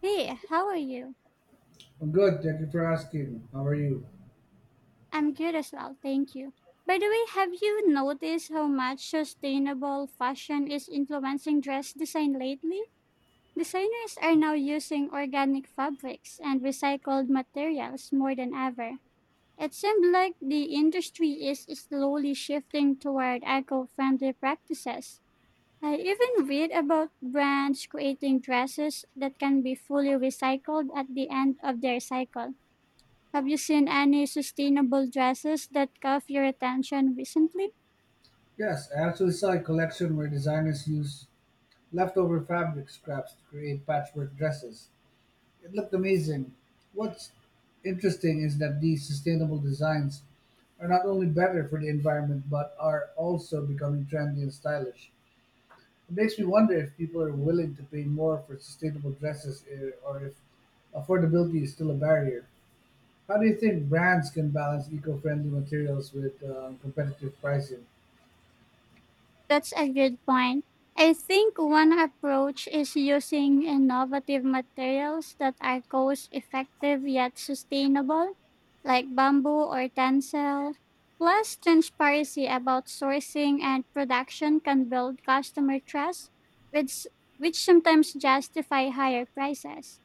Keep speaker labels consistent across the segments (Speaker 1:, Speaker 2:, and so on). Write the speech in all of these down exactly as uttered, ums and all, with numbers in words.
Speaker 1: Hey, how are you?
Speaker 2: I'm good, thank you for asking. How are you?
Speaker 1: I'm good as well, thank you. By the way, have you noticed how much sustainable fashion is influencing dress design lately? Designers are now using organic fabrics and recycled materials more than ever. It seems like the industry is slowly shifting toward eco friendly practices. I even read about brands creating dresses that can be fully recycled at the end of their cycle. Have you seen any sustainable dresses that caught your attention recently?
Speaker 2: Yes, I actually saw a collection where designers use leftover fabric scraps to create patchwork dresses. It looked amazing. What's interesting is that these sustainable designs are not only better for the environment but are also becoming trendy and stylish. It makes me wonder if people are willing to pay more for sustainable dresses eh, or if affordability is still a barrier. How do you think brands can balance eco friendly materials with uh, competitive pricing?
Speaker 1: That's a good point. I think one approach is using innovative materials that are cost effective yet sustainable, like bamboo or tencel. Plus, transparency about sourcing and production can build customer trust, which, which sometimes justify higher prices.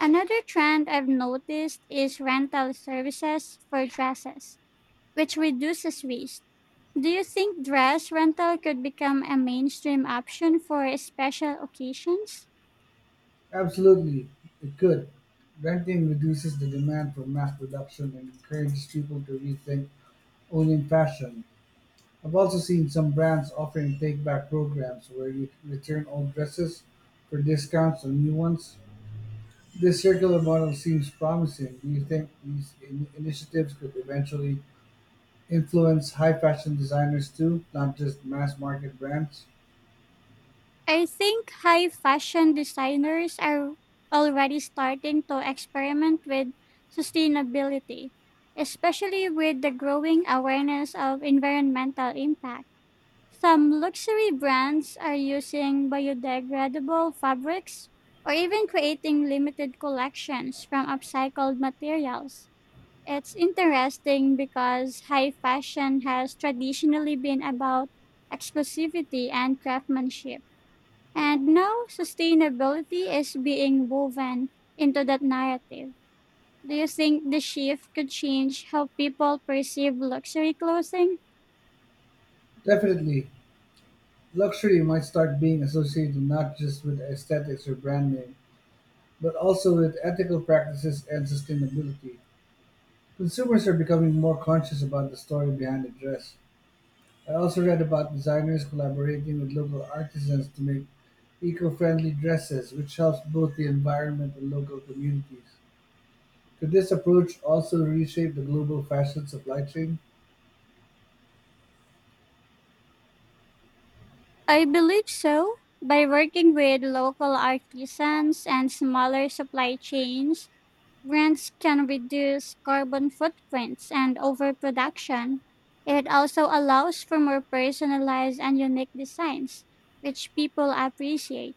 Speaker 1: Another trend I've noticed is rental services for dresses, which reduces waste. Do you think dress rental could become a mainstream option for special occasions?
Speaker 2: Absolutely, it could. Renting reduces the demand for mass production and encourages people to rethink owning fashion. I've also seen some brands offering take-back programs where you can return old dresses for discounts on new ones. This circular model seems promising. Do you think these in- initiatives could eventually influence high fashion designers too, not just mass market brands?
Speaker 1: I think high fashion designers are already starting to experiment with sustainability, especially with the growing awareness of environmental impact. Some luxury brands are using biodegradable fabrics or even creating limited collections from upcycled materials. It's interesting because high fashion has traditionally been about exclusivity and craftsmanship. And now sustainability is being woven into that narrative. Do you think the shift could change how people perceive luxury clothing?
Speaker 2: Definitely. Luxury might start being associated not just with aesthetics or brand name, but also with ethical practices and sustainability. Consumers are becoming more conscious about the story behind a dress. I also read about designers collaborating with local artisans to make eco friendly dresses, which helps both the environment and local communities. Could this approach also reshape the global fashion supply chain?
Speaker 1: I believe so. By working with local artisans and smaller supply chains, brands can reduce carbon footprints and overproduction. It also allows for more personalized and unique designs, which people appreciate.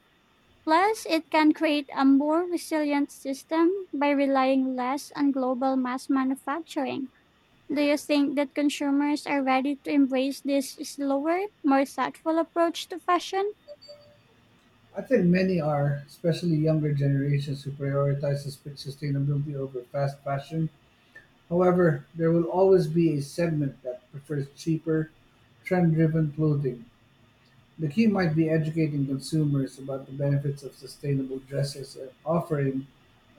Speaker 1: Plus, it can create a more resilient system by relying less on global mass manufacturing. Do you think that consumers are ready to embrace this slower, more thoughtful approach to fashion?
Speaker 2: I think many are, especially younger generations who prioritize sus- sustainability over fast fashion. However, there will always be a segment that prefers cheaper, trend-driven clothing. The key might be educating consumers about the benefits of sustainable dresses and offering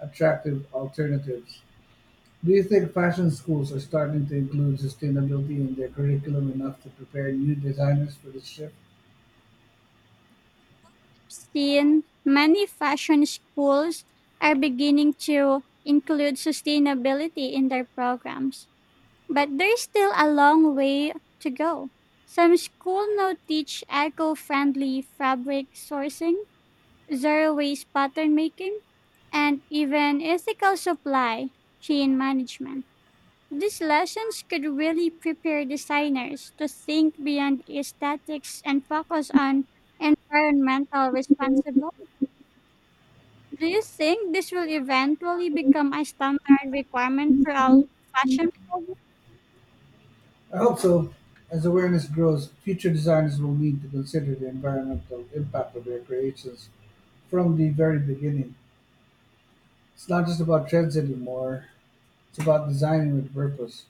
Speaker 2: attractive alternatives. Do you think fashion schools are starting to include sustainability in their curriculum enough to prepare new designers for this shift?
Speaker 1: Seen, many fashion schools are beginning to include sustainability in their programs. But there's still a long way to go. Some schools now teach eco friendly fabric sourcing, zero waste pattern making, and even ethical supply chain management. These lessons could really prepare designers to think beyond aesthetics and focus on environmental responsibility. Do you think this will eventually become a standard requirement for all fashion products?
Speaker 2: I hope so. As awareness grows, future designers will need to consider the environmental impact of their creations from the very beginning. It's not just about trends anymore, it's about designing with purpose.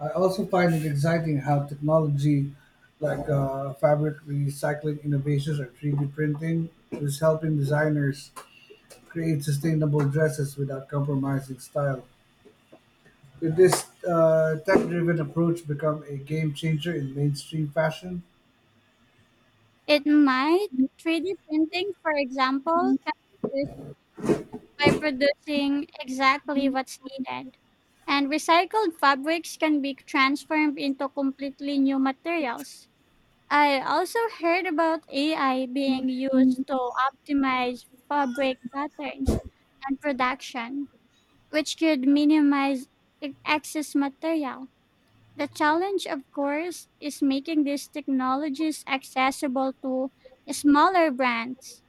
Speaker 2: I also find it exciting how technology like uh, fabric recycling innovations or three D printing is helping designers create sustainable dresses without compromising style. With this uh, tech-driven approach become a game changer in mainstream fashion,
Speaker 1: It might. three D printing, for example, can be used by producing exactly what's needed. And recycled fabrics can be transformed into completely new materials. I also heard about A I being used to optimize fabric patterns and production, which could minimize e- excess material. The challenge, of course, is making these technologies accessible to smaller brands.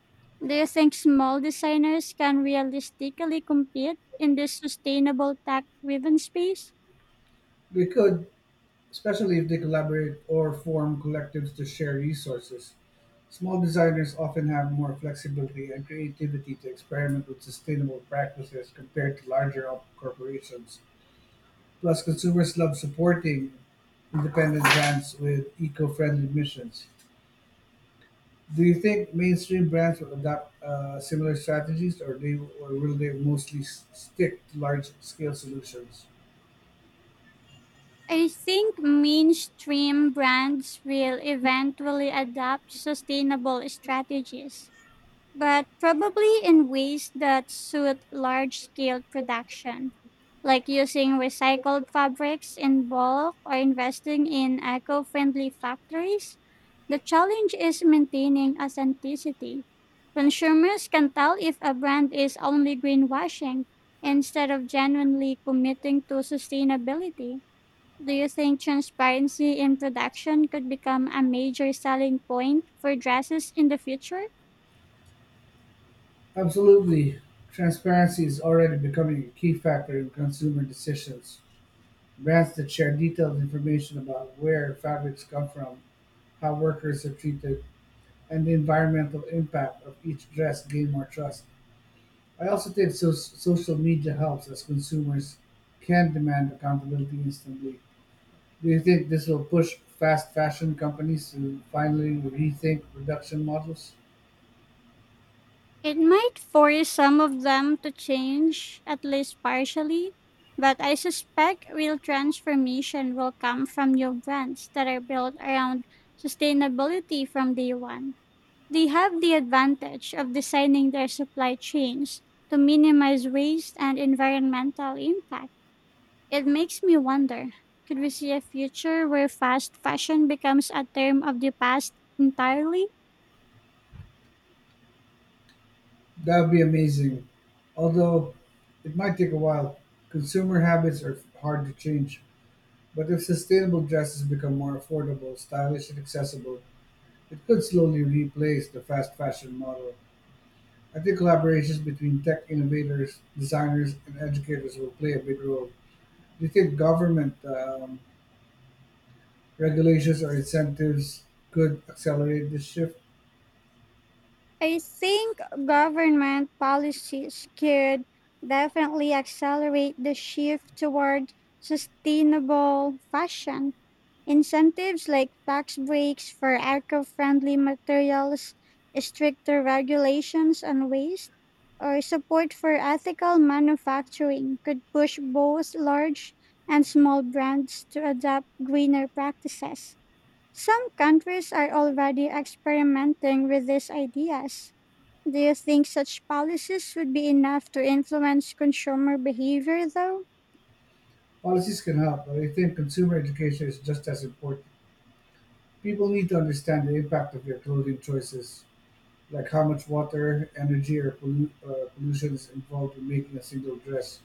Speaker 1: Do you think small designers can realistically compete in this sustainable tech driven space?
Speaker 2: we could, especially if they collaborate or form collectives to share resources. Small designers often have more flexibility and creativity to experiment with sustainable practices compared to larger op- corporations. Plus, consumers love supporting independent brands with eco-friendly missions. Do you think mainstream brands will adopt uh, similar strategies, or they or will they mostly s- stick to large-scale solutions?
Speaker 1: I think mainstream brands will eventually adopt sustainable strategies, but probably in ways that suit large scale production, like using recycled fabrics in bulk or investing in eco friendly factories. The challenge is maintaining authenticity. Consumers can tell if a brand is only greenwashing instead of genuinely committing to sustainability. Do you think transparency in production could become a major selling point for dresses in the future?
Speaker 2: Absolutely, transparency is already becoming a key factor in consumer decisions. Brands that share detailed information about where fabrics come from, how workers are treated, and the environmental impact of each dress gain more trust. I also think so- social media helps as consumers can demand accountability instantly. Do you think this will push fast fashion companies to finally rethink production models?
Speaker 1: It might force some of them to change, at least partially, but I suspect real transformation will come from new brands that are built around sustainability from day one. They have the advantage of designing their supply chains to minimize waste and environmental impact. It makes me wonder, could we see a future where fast fashion becomes a term of the past entirely?
Speaker 2: That would be amazing. Although it might take a while, consumer habits are hard to change. But if sustainable dresses become more affordable, stylish, and accessible, it could slowly replace the fast fashion model. I think collaborations between tech innovators, designers, and educators will play a big role. Do you think government um, regulations or incentives could accelerate this shift?
Speaker 1: I think government policies could definitely accelerate the shift toward sustainable fashion. Incentives like tax breaks for eco friendly materials, stricter regulations on waste, or support for ethical manufacturing could push both large and small brands to adopt greener practices. Some countries are already experimenting with these ideas. Do you think such policies would be enough to influence consumer behavior, though?
Speaker 2: Policies can help, but I think consumer education is just as important. People need to understand the impact of their clothing choices, like how much water, energy, or pollu- uh, pollution is involved in making a single dress.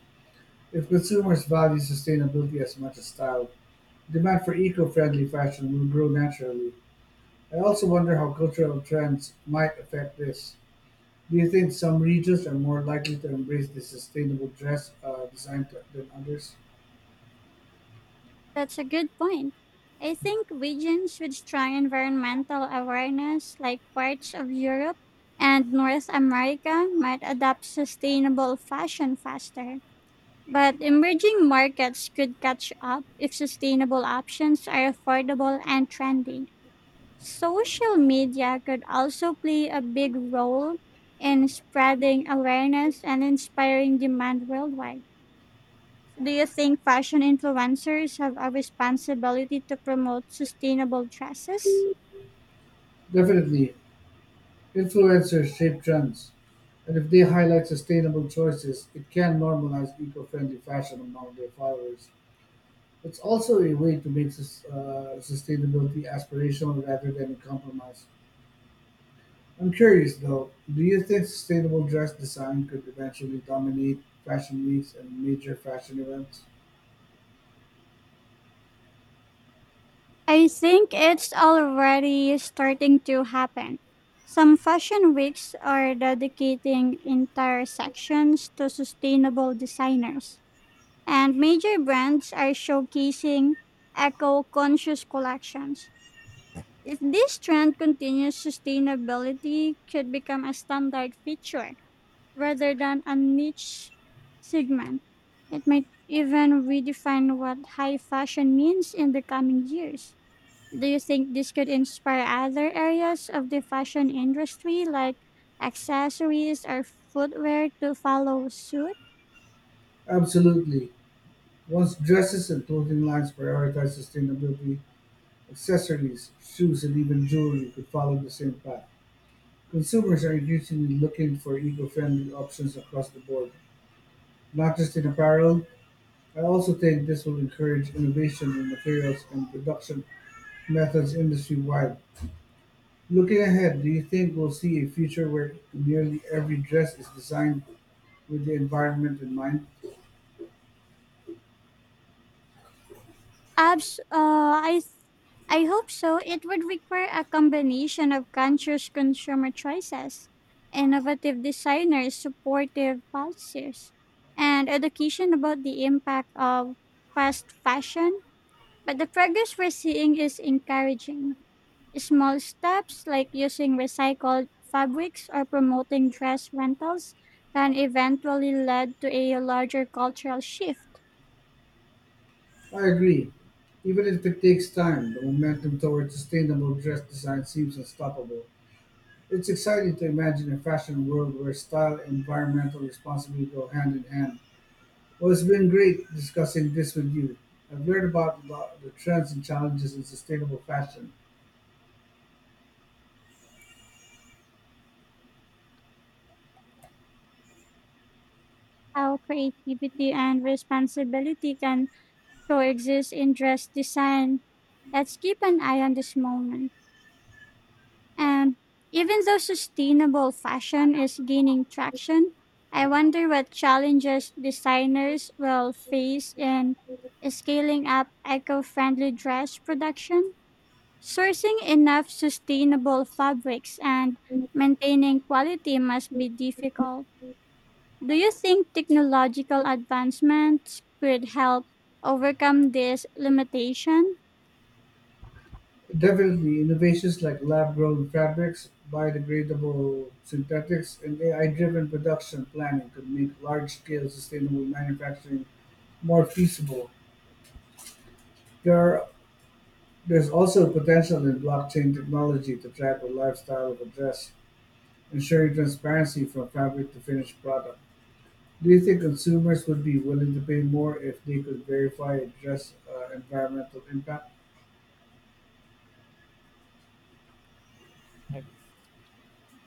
Speaker 2: If consumers value sustainability as much as style, demand for eco-friendly fashion will grow naturally. I also wonder how cultural trends might affect this. Do you think some regions are more likely to embrace the sustainable dress uh, design t- than others?
Speaker 1: That's a good point. I think regions with strong environmental awareness, like parts of Europe and North America, might adopt sustainable fashion faster. But emerging markets could catch up if sustainable options are affordable and trendy. Social media could also play a big role in spreading awareness and inspiring demand worldwide. Do you think fashion influencers have a responsibility to promote sustainable dresses?
Speaker 2: Definitely, influencers shape trends, and if they highlight sustainable choices, it can normalize eco-friendly fashion among their followers. It's also a way to make sus- uh, sustainability aspirational rather than a compromise. I'm curious though, do you think sustainable dress design could eventually dominate fashion weeks and major fashion events?
Speaker 1: I think it's already starting to happen. Some fashion weeks are dedicating entire sections to sustainable designers, and major brands are showcasing eco conscious collections. If this trend continues, sustainability could become a standard feature rather than a niche segment. It might even redefine what high fashion means in the coming years. Do you think this could inspire other areas of the fashion industry like accessories or footwear to follow suit?
Speaker 2: Absolutely. Once dresses and clothing lines prioritize sustainability, accessories, shoes, and even jewelry could follow the same path. Consumers are increasingly looking for eco friendly options across the board, not just in apparel. I also think this will encourage innovation in materials and production methods industry wide. Looking ahead, do you think we'll see a future where nearly every dress is designed with the environment in mind?
Speaker 1: Abs- uh, I th- I hope so. It would require a combination of conscious consumer choices, innovative designers, supportive policies, and education about the impact of fast fashion. But the progress we're seeing is encouraging. Small steps like using recycled fabrics or promoting dress rentals can eventually lead to a larger cultural shift.
Speaker 2: I agree. Even if it takes time, the momentum toward sustainable dress design seems unstoppable. It's exciting to imagine a fashion world where style and environmental responsibility go hand in hand. Well, it's been great discussing this with you. I've learned about the the trends and challenges in sustainable fashion.
Speaker 1: How creativity and responsibility can coexist in dress design. Let's keep an eye on this moment. And even though sustainable fashion is gaining traction, I wonder what challenges designers will face in scaling up eco friendly dress production, sourcing enough sustainable fabrics, and maintaining quality must be difficult. Do you think technological advancements could help overcome this limitation?
Speaker 2: Definitely, innovations like lab-grown fabrics, biodegradable synthetics, and A I-driven production planning could make large-scale sustainable manufacturing more feasible. There are, there's also potential in blockchain technology to track the lifestyle of a dress, ensuring transparency from fabric to finished product. Do you think consumers would be willing to pay more if they could verify a dress uh, environmental impact?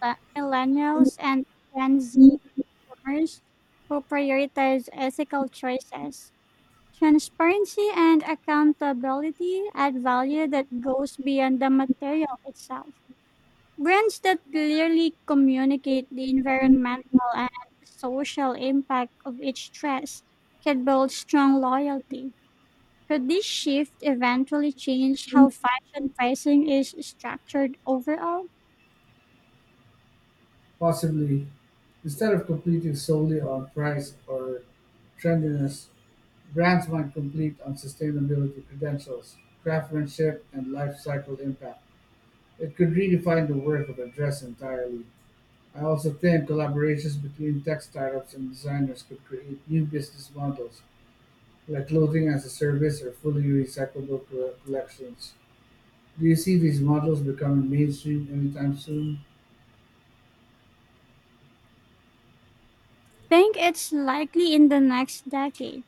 Speaker 1: la- Millennials and Gen Z boomers who prioritize ethical choices. Transparency and accountability add value that goes beyond the material itself. Brands that clearly communicate the environmental and social impact of each stress can build strong loyalty. Could this shift eventually change how fashion pricing is structured overall?
Speaker 2: Possibly, instead of competing solely on price or trendiness, brands might compete on sustainability credentials, craftsmanship, and life cycle impact. It could redefine the worth of a dress entirely. I also think collaborations between tech startups and designers could create new business models, like clothing as a service or fully recyclable co- collections. Do you see these models becoming mainstream anytime soon?
Speaker 1: Think it's likely in the next decade.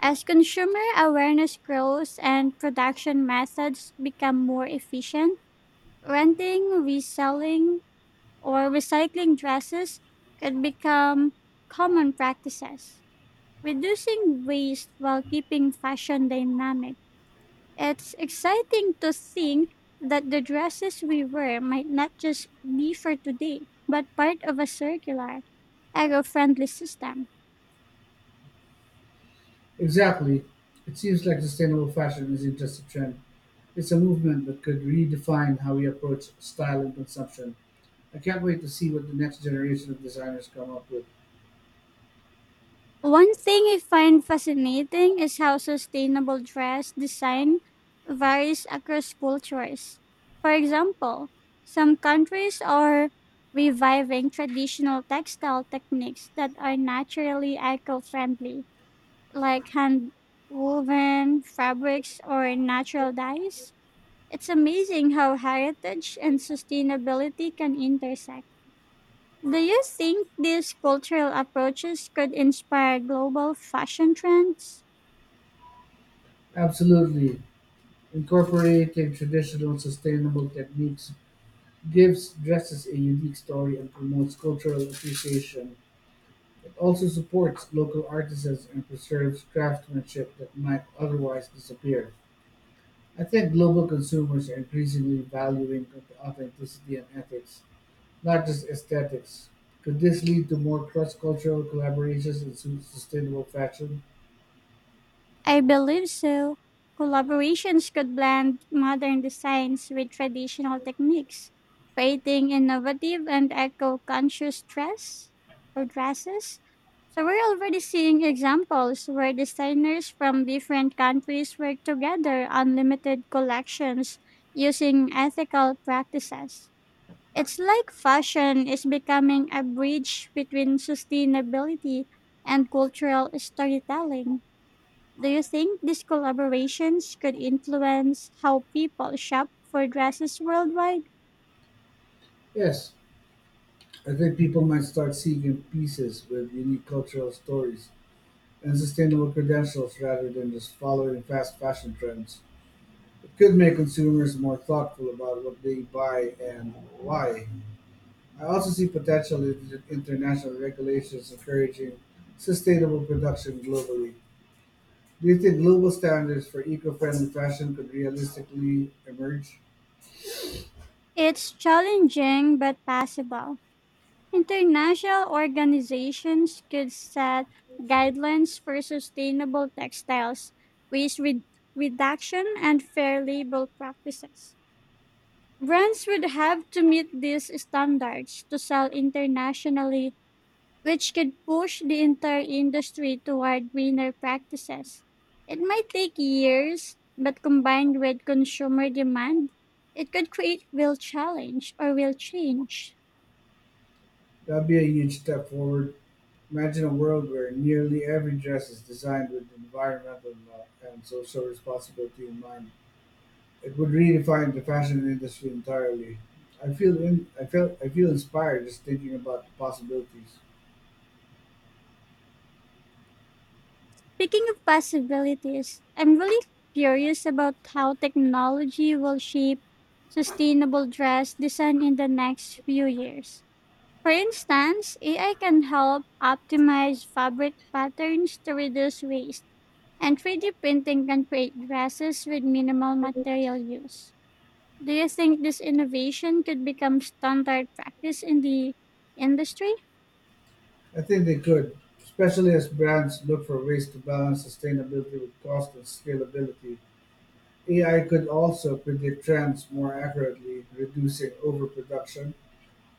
Speaker 1: As consumer awareness grows and production methods become more efficient, renting, reselling, or recycling dresses could become common practices, reducing waste while keeping fashion dynamic. It's exciting to think that the dresses we wear might not just be for today, but part of a circular, eco friendly system.
Speaker 2: Exactly. It seems like sustainable fashion isn't just a trend. It's a movement that could redefine how we approach style and consumption. I can't wait to see what the next generation of designers come up with.
Speaker 1: One thing I find fascinating is how sustainable dress design varies across cultures. For example, some countries are reviving traditional textile techniques that are naturally eco friendly, like hand woven fabrics or natural dyes. It's amazing how heritage and sustainability can intersect. Do you think these cultural approaches could inspire global fashion trends?
Speaker 2: Absolutely. Incorporating traditional sustainable techniques gives dresses a unique story and promotes cultural appreciation. It also supports local artisans and preserves craftsmanship that might otherwise disappear. I think global consumers are increasingly valuing authenticity and ethics not just aesthetics. Could this lead to more cross-cultural collaborations in su- sustainable fashion?
Speaker 1: I believe so. Collaborations could blend modern designs with traditional techniques, creating innovative and eco-conscious dress or dresses. So we're already seeing examples where designers from different countries work together on limited collections using ethical practices. It's like fashion is becoming a bridge between sustainability and cultural storytelling. Do you think these collaborations could influence how people shop for dresses worldwide?
Speaker 2: Yes, I think people might start seeking pieces with unique cultural stories and sustainable credentials rather than just following fast fashion trends. It could make consumers more thoughtful about what they buy and why. I also see potential in international regulations encouraging sustainable production globally. Do you think global standards for eco-friendly fashion could realistically emerge?
Speaker 1: It's challenging but possible. International organizations could set guidelines for sustainable textiles, waste re- reduction, and fair labor practices. Brands would have to meet these standards to sell internationally, which could push the entire industry toward greener practices. It might take years, but combined with consumer demand, it could create real challenge or real change.
Speaker 2: That'd be a huge step forward. Imagine a world where nearly every dress is designed with environmental law and social responsibility in mind. It would redefine the fashion industry entirely. I feel in, I feel I feel inspired just thinking about the possibilities.
Speaker 1: Speaking of possibilities, I'm really curious about how technology will shape sustainable dress design in the next few years. For instance, A I can help optimize fabric patterns to reduce waste, and three D printing can create dresses with minimal material use. Do you think this innovation could become standard practice in the industry?
Speaker 2: I think they could, especially as brands look for ways to balance sustainability with cost and scalability. A I could also predict trends more accurately, reducing overproduction,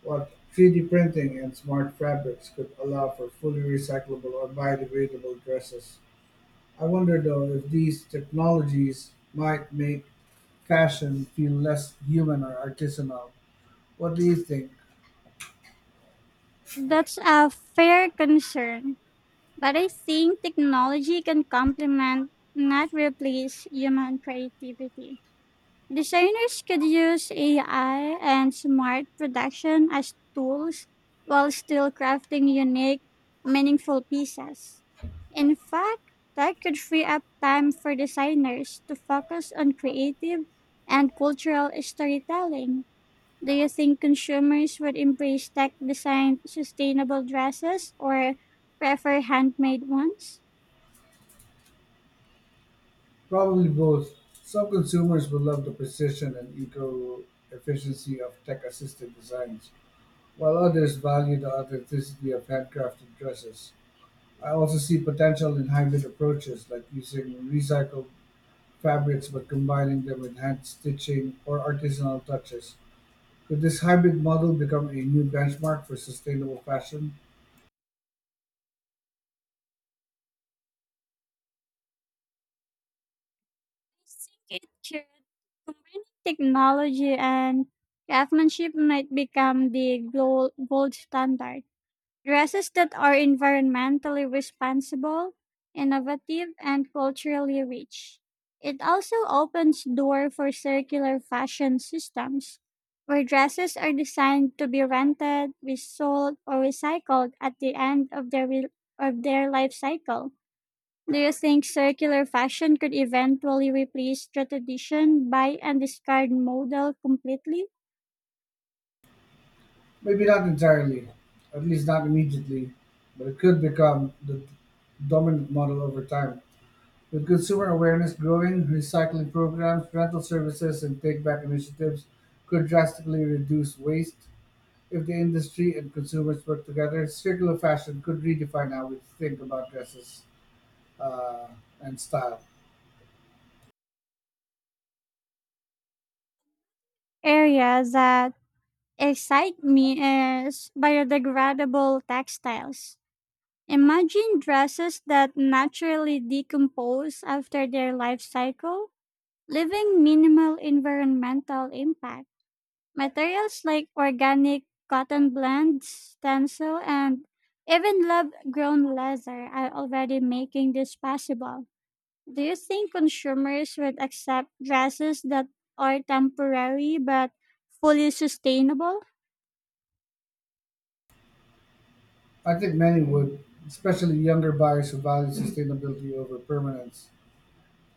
Speaker 2: while three D printing and smart fabrics could allow for fully recyclable or biodegradable dresses. I wonder though if these technologies might make fashion feel less human or artisanal. What do you think?
Speaker 1: That's a fair concern, but I think technology can complement, not replace, human creativity. Designers could use A I and smart production as tools while still crafting unique, meaningful pieces. In fact, that could free up time for designers to focus on creative and cultural storytelling. Do you think consumers would embrace tech designed sustainable dresses or prefer handmade ones?
Speaker 2: Probably both. Some consumers will love the precision and eco efficiency of tech assisted designs, while others value the authenticity of handcrafted dresses. I also see potential in hybrid approaches like using recycled fabrics but combining them with hand stitching or artisanal touches. Could this hybrid model become a new benchmark for sustainable fashion?
Speaker 1: I think it could. Combining technology and craftsmanship might become the gold, gold standard. Dresses that are environmentally responsible, innovative, and culturally rich. It also opens door for circular fashion systems, where dresses are designed to be rented, resold, or recycled at the end of their, re- of their life cycle. Do you think circular fashion could eventually replace tradition, buy and discard model completely?
Speaker 2: Maybe not entirely, at least not immediately, but it could become the dominant model over time. With consumer awareness growing, recycling programs, rental services, and take back initiatives could drastically reduce waste. If the industry and consumers work together, circular fashion could redefine how we think about dresses uh, and style.
Speaker 1: Area that excite me is biodegradable textiles. Imagine dresses that naturally decompose after their life cycle, leaving minimal environmental impact. Materials like organic cotton blends, stencil, and even lab grown leather are already making this possible. Do you think consumers would accept dresses that are temporary but fully sustainable?
Speaker 2: I think many would, especially younger buyers who value sustainability over permanence.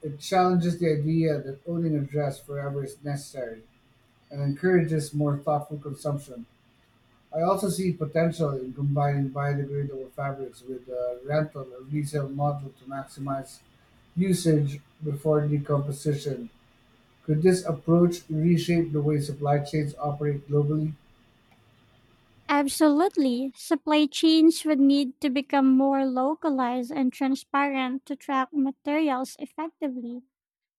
Speaker 2: It challenges the idea that owning a dress forever is necessary and encourages more thoughtful consumption. I also see potential in combining biodegradable fabrics with a rental or resale model to maximize usage before decomposition. Could this approach reshape the way supply chains operate globally?
Speaker 1: Absolutely. Supply chains would need to become more localized and transparent to track materials effectively.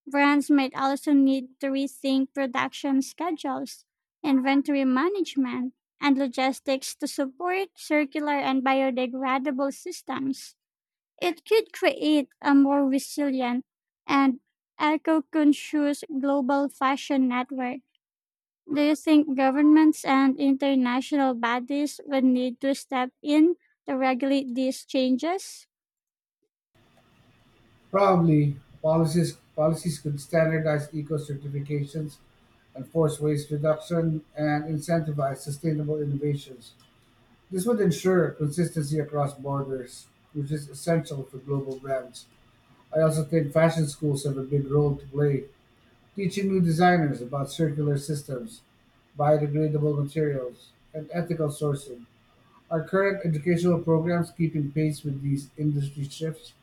Speaker 1: Brands might also need to rethink production schedules, inventory management, and logistics to support circular and biodegradable systems. It could create a more resilient and eco conscious global fashion network. Do you think governments and international bodies would need to step in to regulate these changes?
Speaker 2: Probably. Policies policies could standardize eco certifications, enforce waste reduction, and incentivize sustainable innovations. This would ensure consistency across borders, which is essential for global brands. I also think fashion schools have a big role to play, teaching new designers about circular systems, biodegradable materials, and ethical sourcing. Are current educational programs keeping pace with these industry shifts?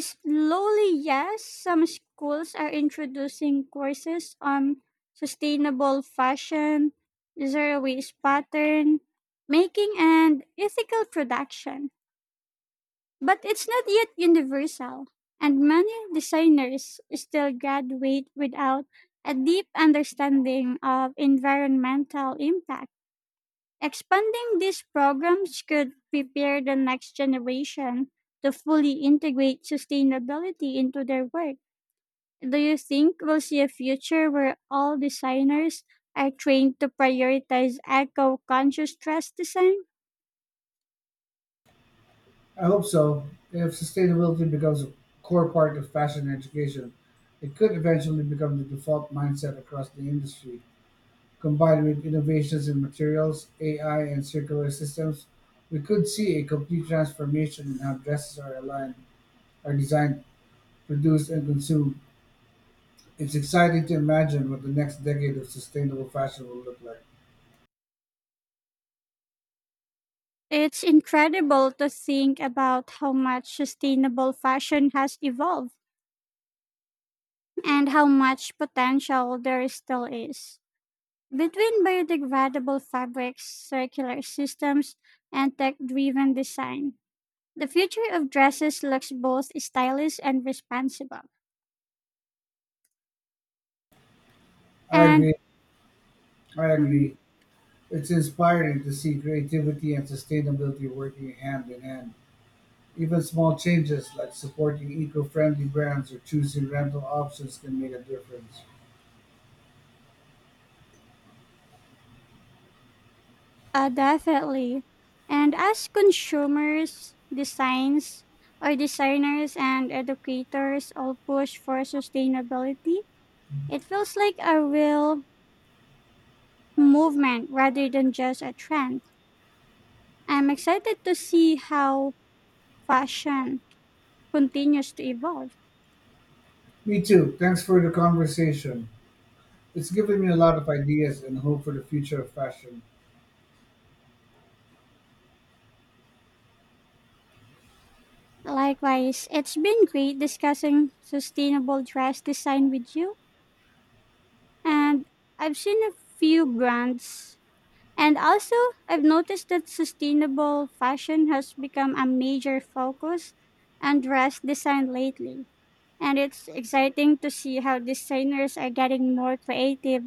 Speaker 1: Slowly, yes. Some schools are introducing courses on sustainable fashion, zero waste pattern, making, and ethical production. But it's not yet universal, and many designers still graduate without a deep understanding of environmental impact. Expanding these programs could prepare the next generation to fully integrate sustainability into their work. Do you think we'll see a future where all designers are trained to prioritize eco conscious dress design?
Speaker 2: I hope so. If sustainability becomes a core part of fashion education, it could eventually become the default mindset across the industry. Combined with innovations in materials, A I, and circular systems, we could see a complete transformation in how dresses are aligned, are designed, produced, and consumed. It's exciting to imagine what the next decade of sustainable fashion will look like.
Speaker 1: It's incredible to think about how much sustainable fashion has evolved and how much potential there still is. Between biodegradable fabrics, circular systems, and tech driven design, the future of dresses looks both stylish and responsible.
Speaker 2: I
Speaker 1: And
Speaker 2: agree. I
Speaker 1: mhm.
Speaker 2: agree. It's inspiring to see creativity and sustainability working hand in hand. Even small changes like supporting eco friendly brands or choosing rental options can make a difference.
Speaker 1: Uh, definitely. And as consumers, designs, or designers and educators all push for sustainability, it feels like a real movement rather than just a trend. I'm excited to see how fashion continues to evolve.
Speaker 2: Me too. Thanks for the conversation. It's given me a lot of ideas and hope for the future of fashion.
Speaker 1: Likewise, it's been great discussing sustainable dress design with you. And I've seen a few brands. And also, I've noticed that sustainable fashion has become a major focus on dress design lately. And it's exciting to see how designers are getting more creative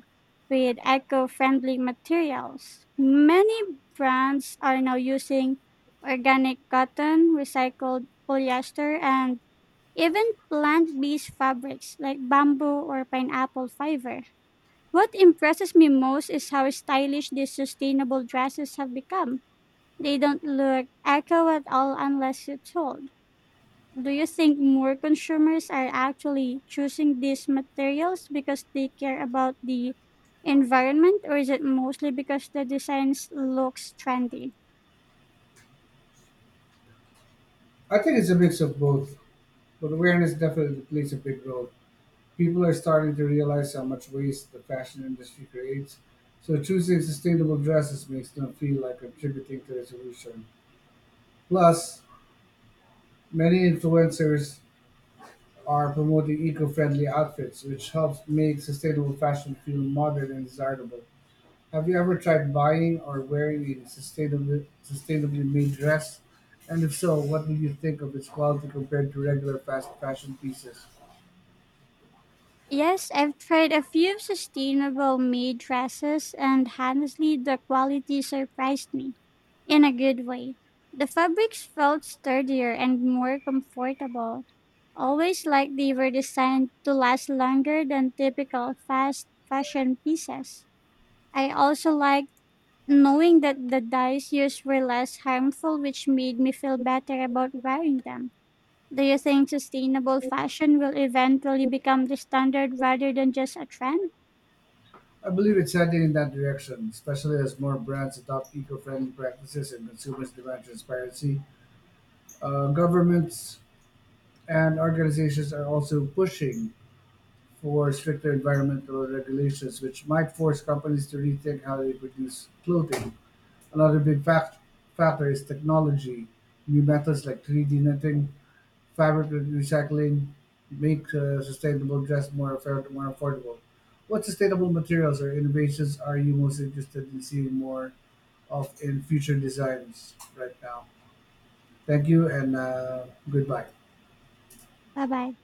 Speaker 1: with eco friendly materials. Many brands are now using organic cotton, recycled polyester, and even plant based fabrics like bamboo or pineapple fiber. What impresses me most is how stylish these sustainable dresses have become. They don't look eco at all unless you told. Do you think more consumers are actually choosing these materials because they care about the environment, or is it mostly because the designs looks trendy?
Speaker 2: I think it's a mix of both, but awareness definitely plays a big role. People are starting to realize how much waste the fashion industry creates, so choosing sustainable dresses makes them feel like contributing to the solution. Plus, many influencers are promoting eco-friendly outfits, which helps make sustainable fashion feel modern and desirable. Have you ever tried buying or wearing a sustainably sustainably made dress? And if so, what do you think of its quality compared to regular fast fashion pieces?
Speaker 1: Yes, I've tried a few sustainable made dresses, and honestly, the quality surprised me in a good way. The fabrics felt sturdier and more comfortable, always like they were designed to last longer than typical fast fashion pieces. I also like knowing that the dyes used were less harmful, which made me feel better about wearing them. Do you think sustainable fashion will eventually become the standard rather than just a trend?
Speaker 2: I believe it's heading in that direction, especially as more brands adopt eco-friendly practices and consumers demand transparency. Uh, governments and organizations are also pushing for stricter environmental regulations, which might force companies to rethink how they produce clothing. Another big fact, factor is technology. New methods like three D knitting, fabric recycling make uh, sustainable dress more, affair- more affordable. What sustainable materials or innovations are you most interested in seeing more of in future designs right now? Thank you and uh, goodbye.
Speaker 1: Bye bye.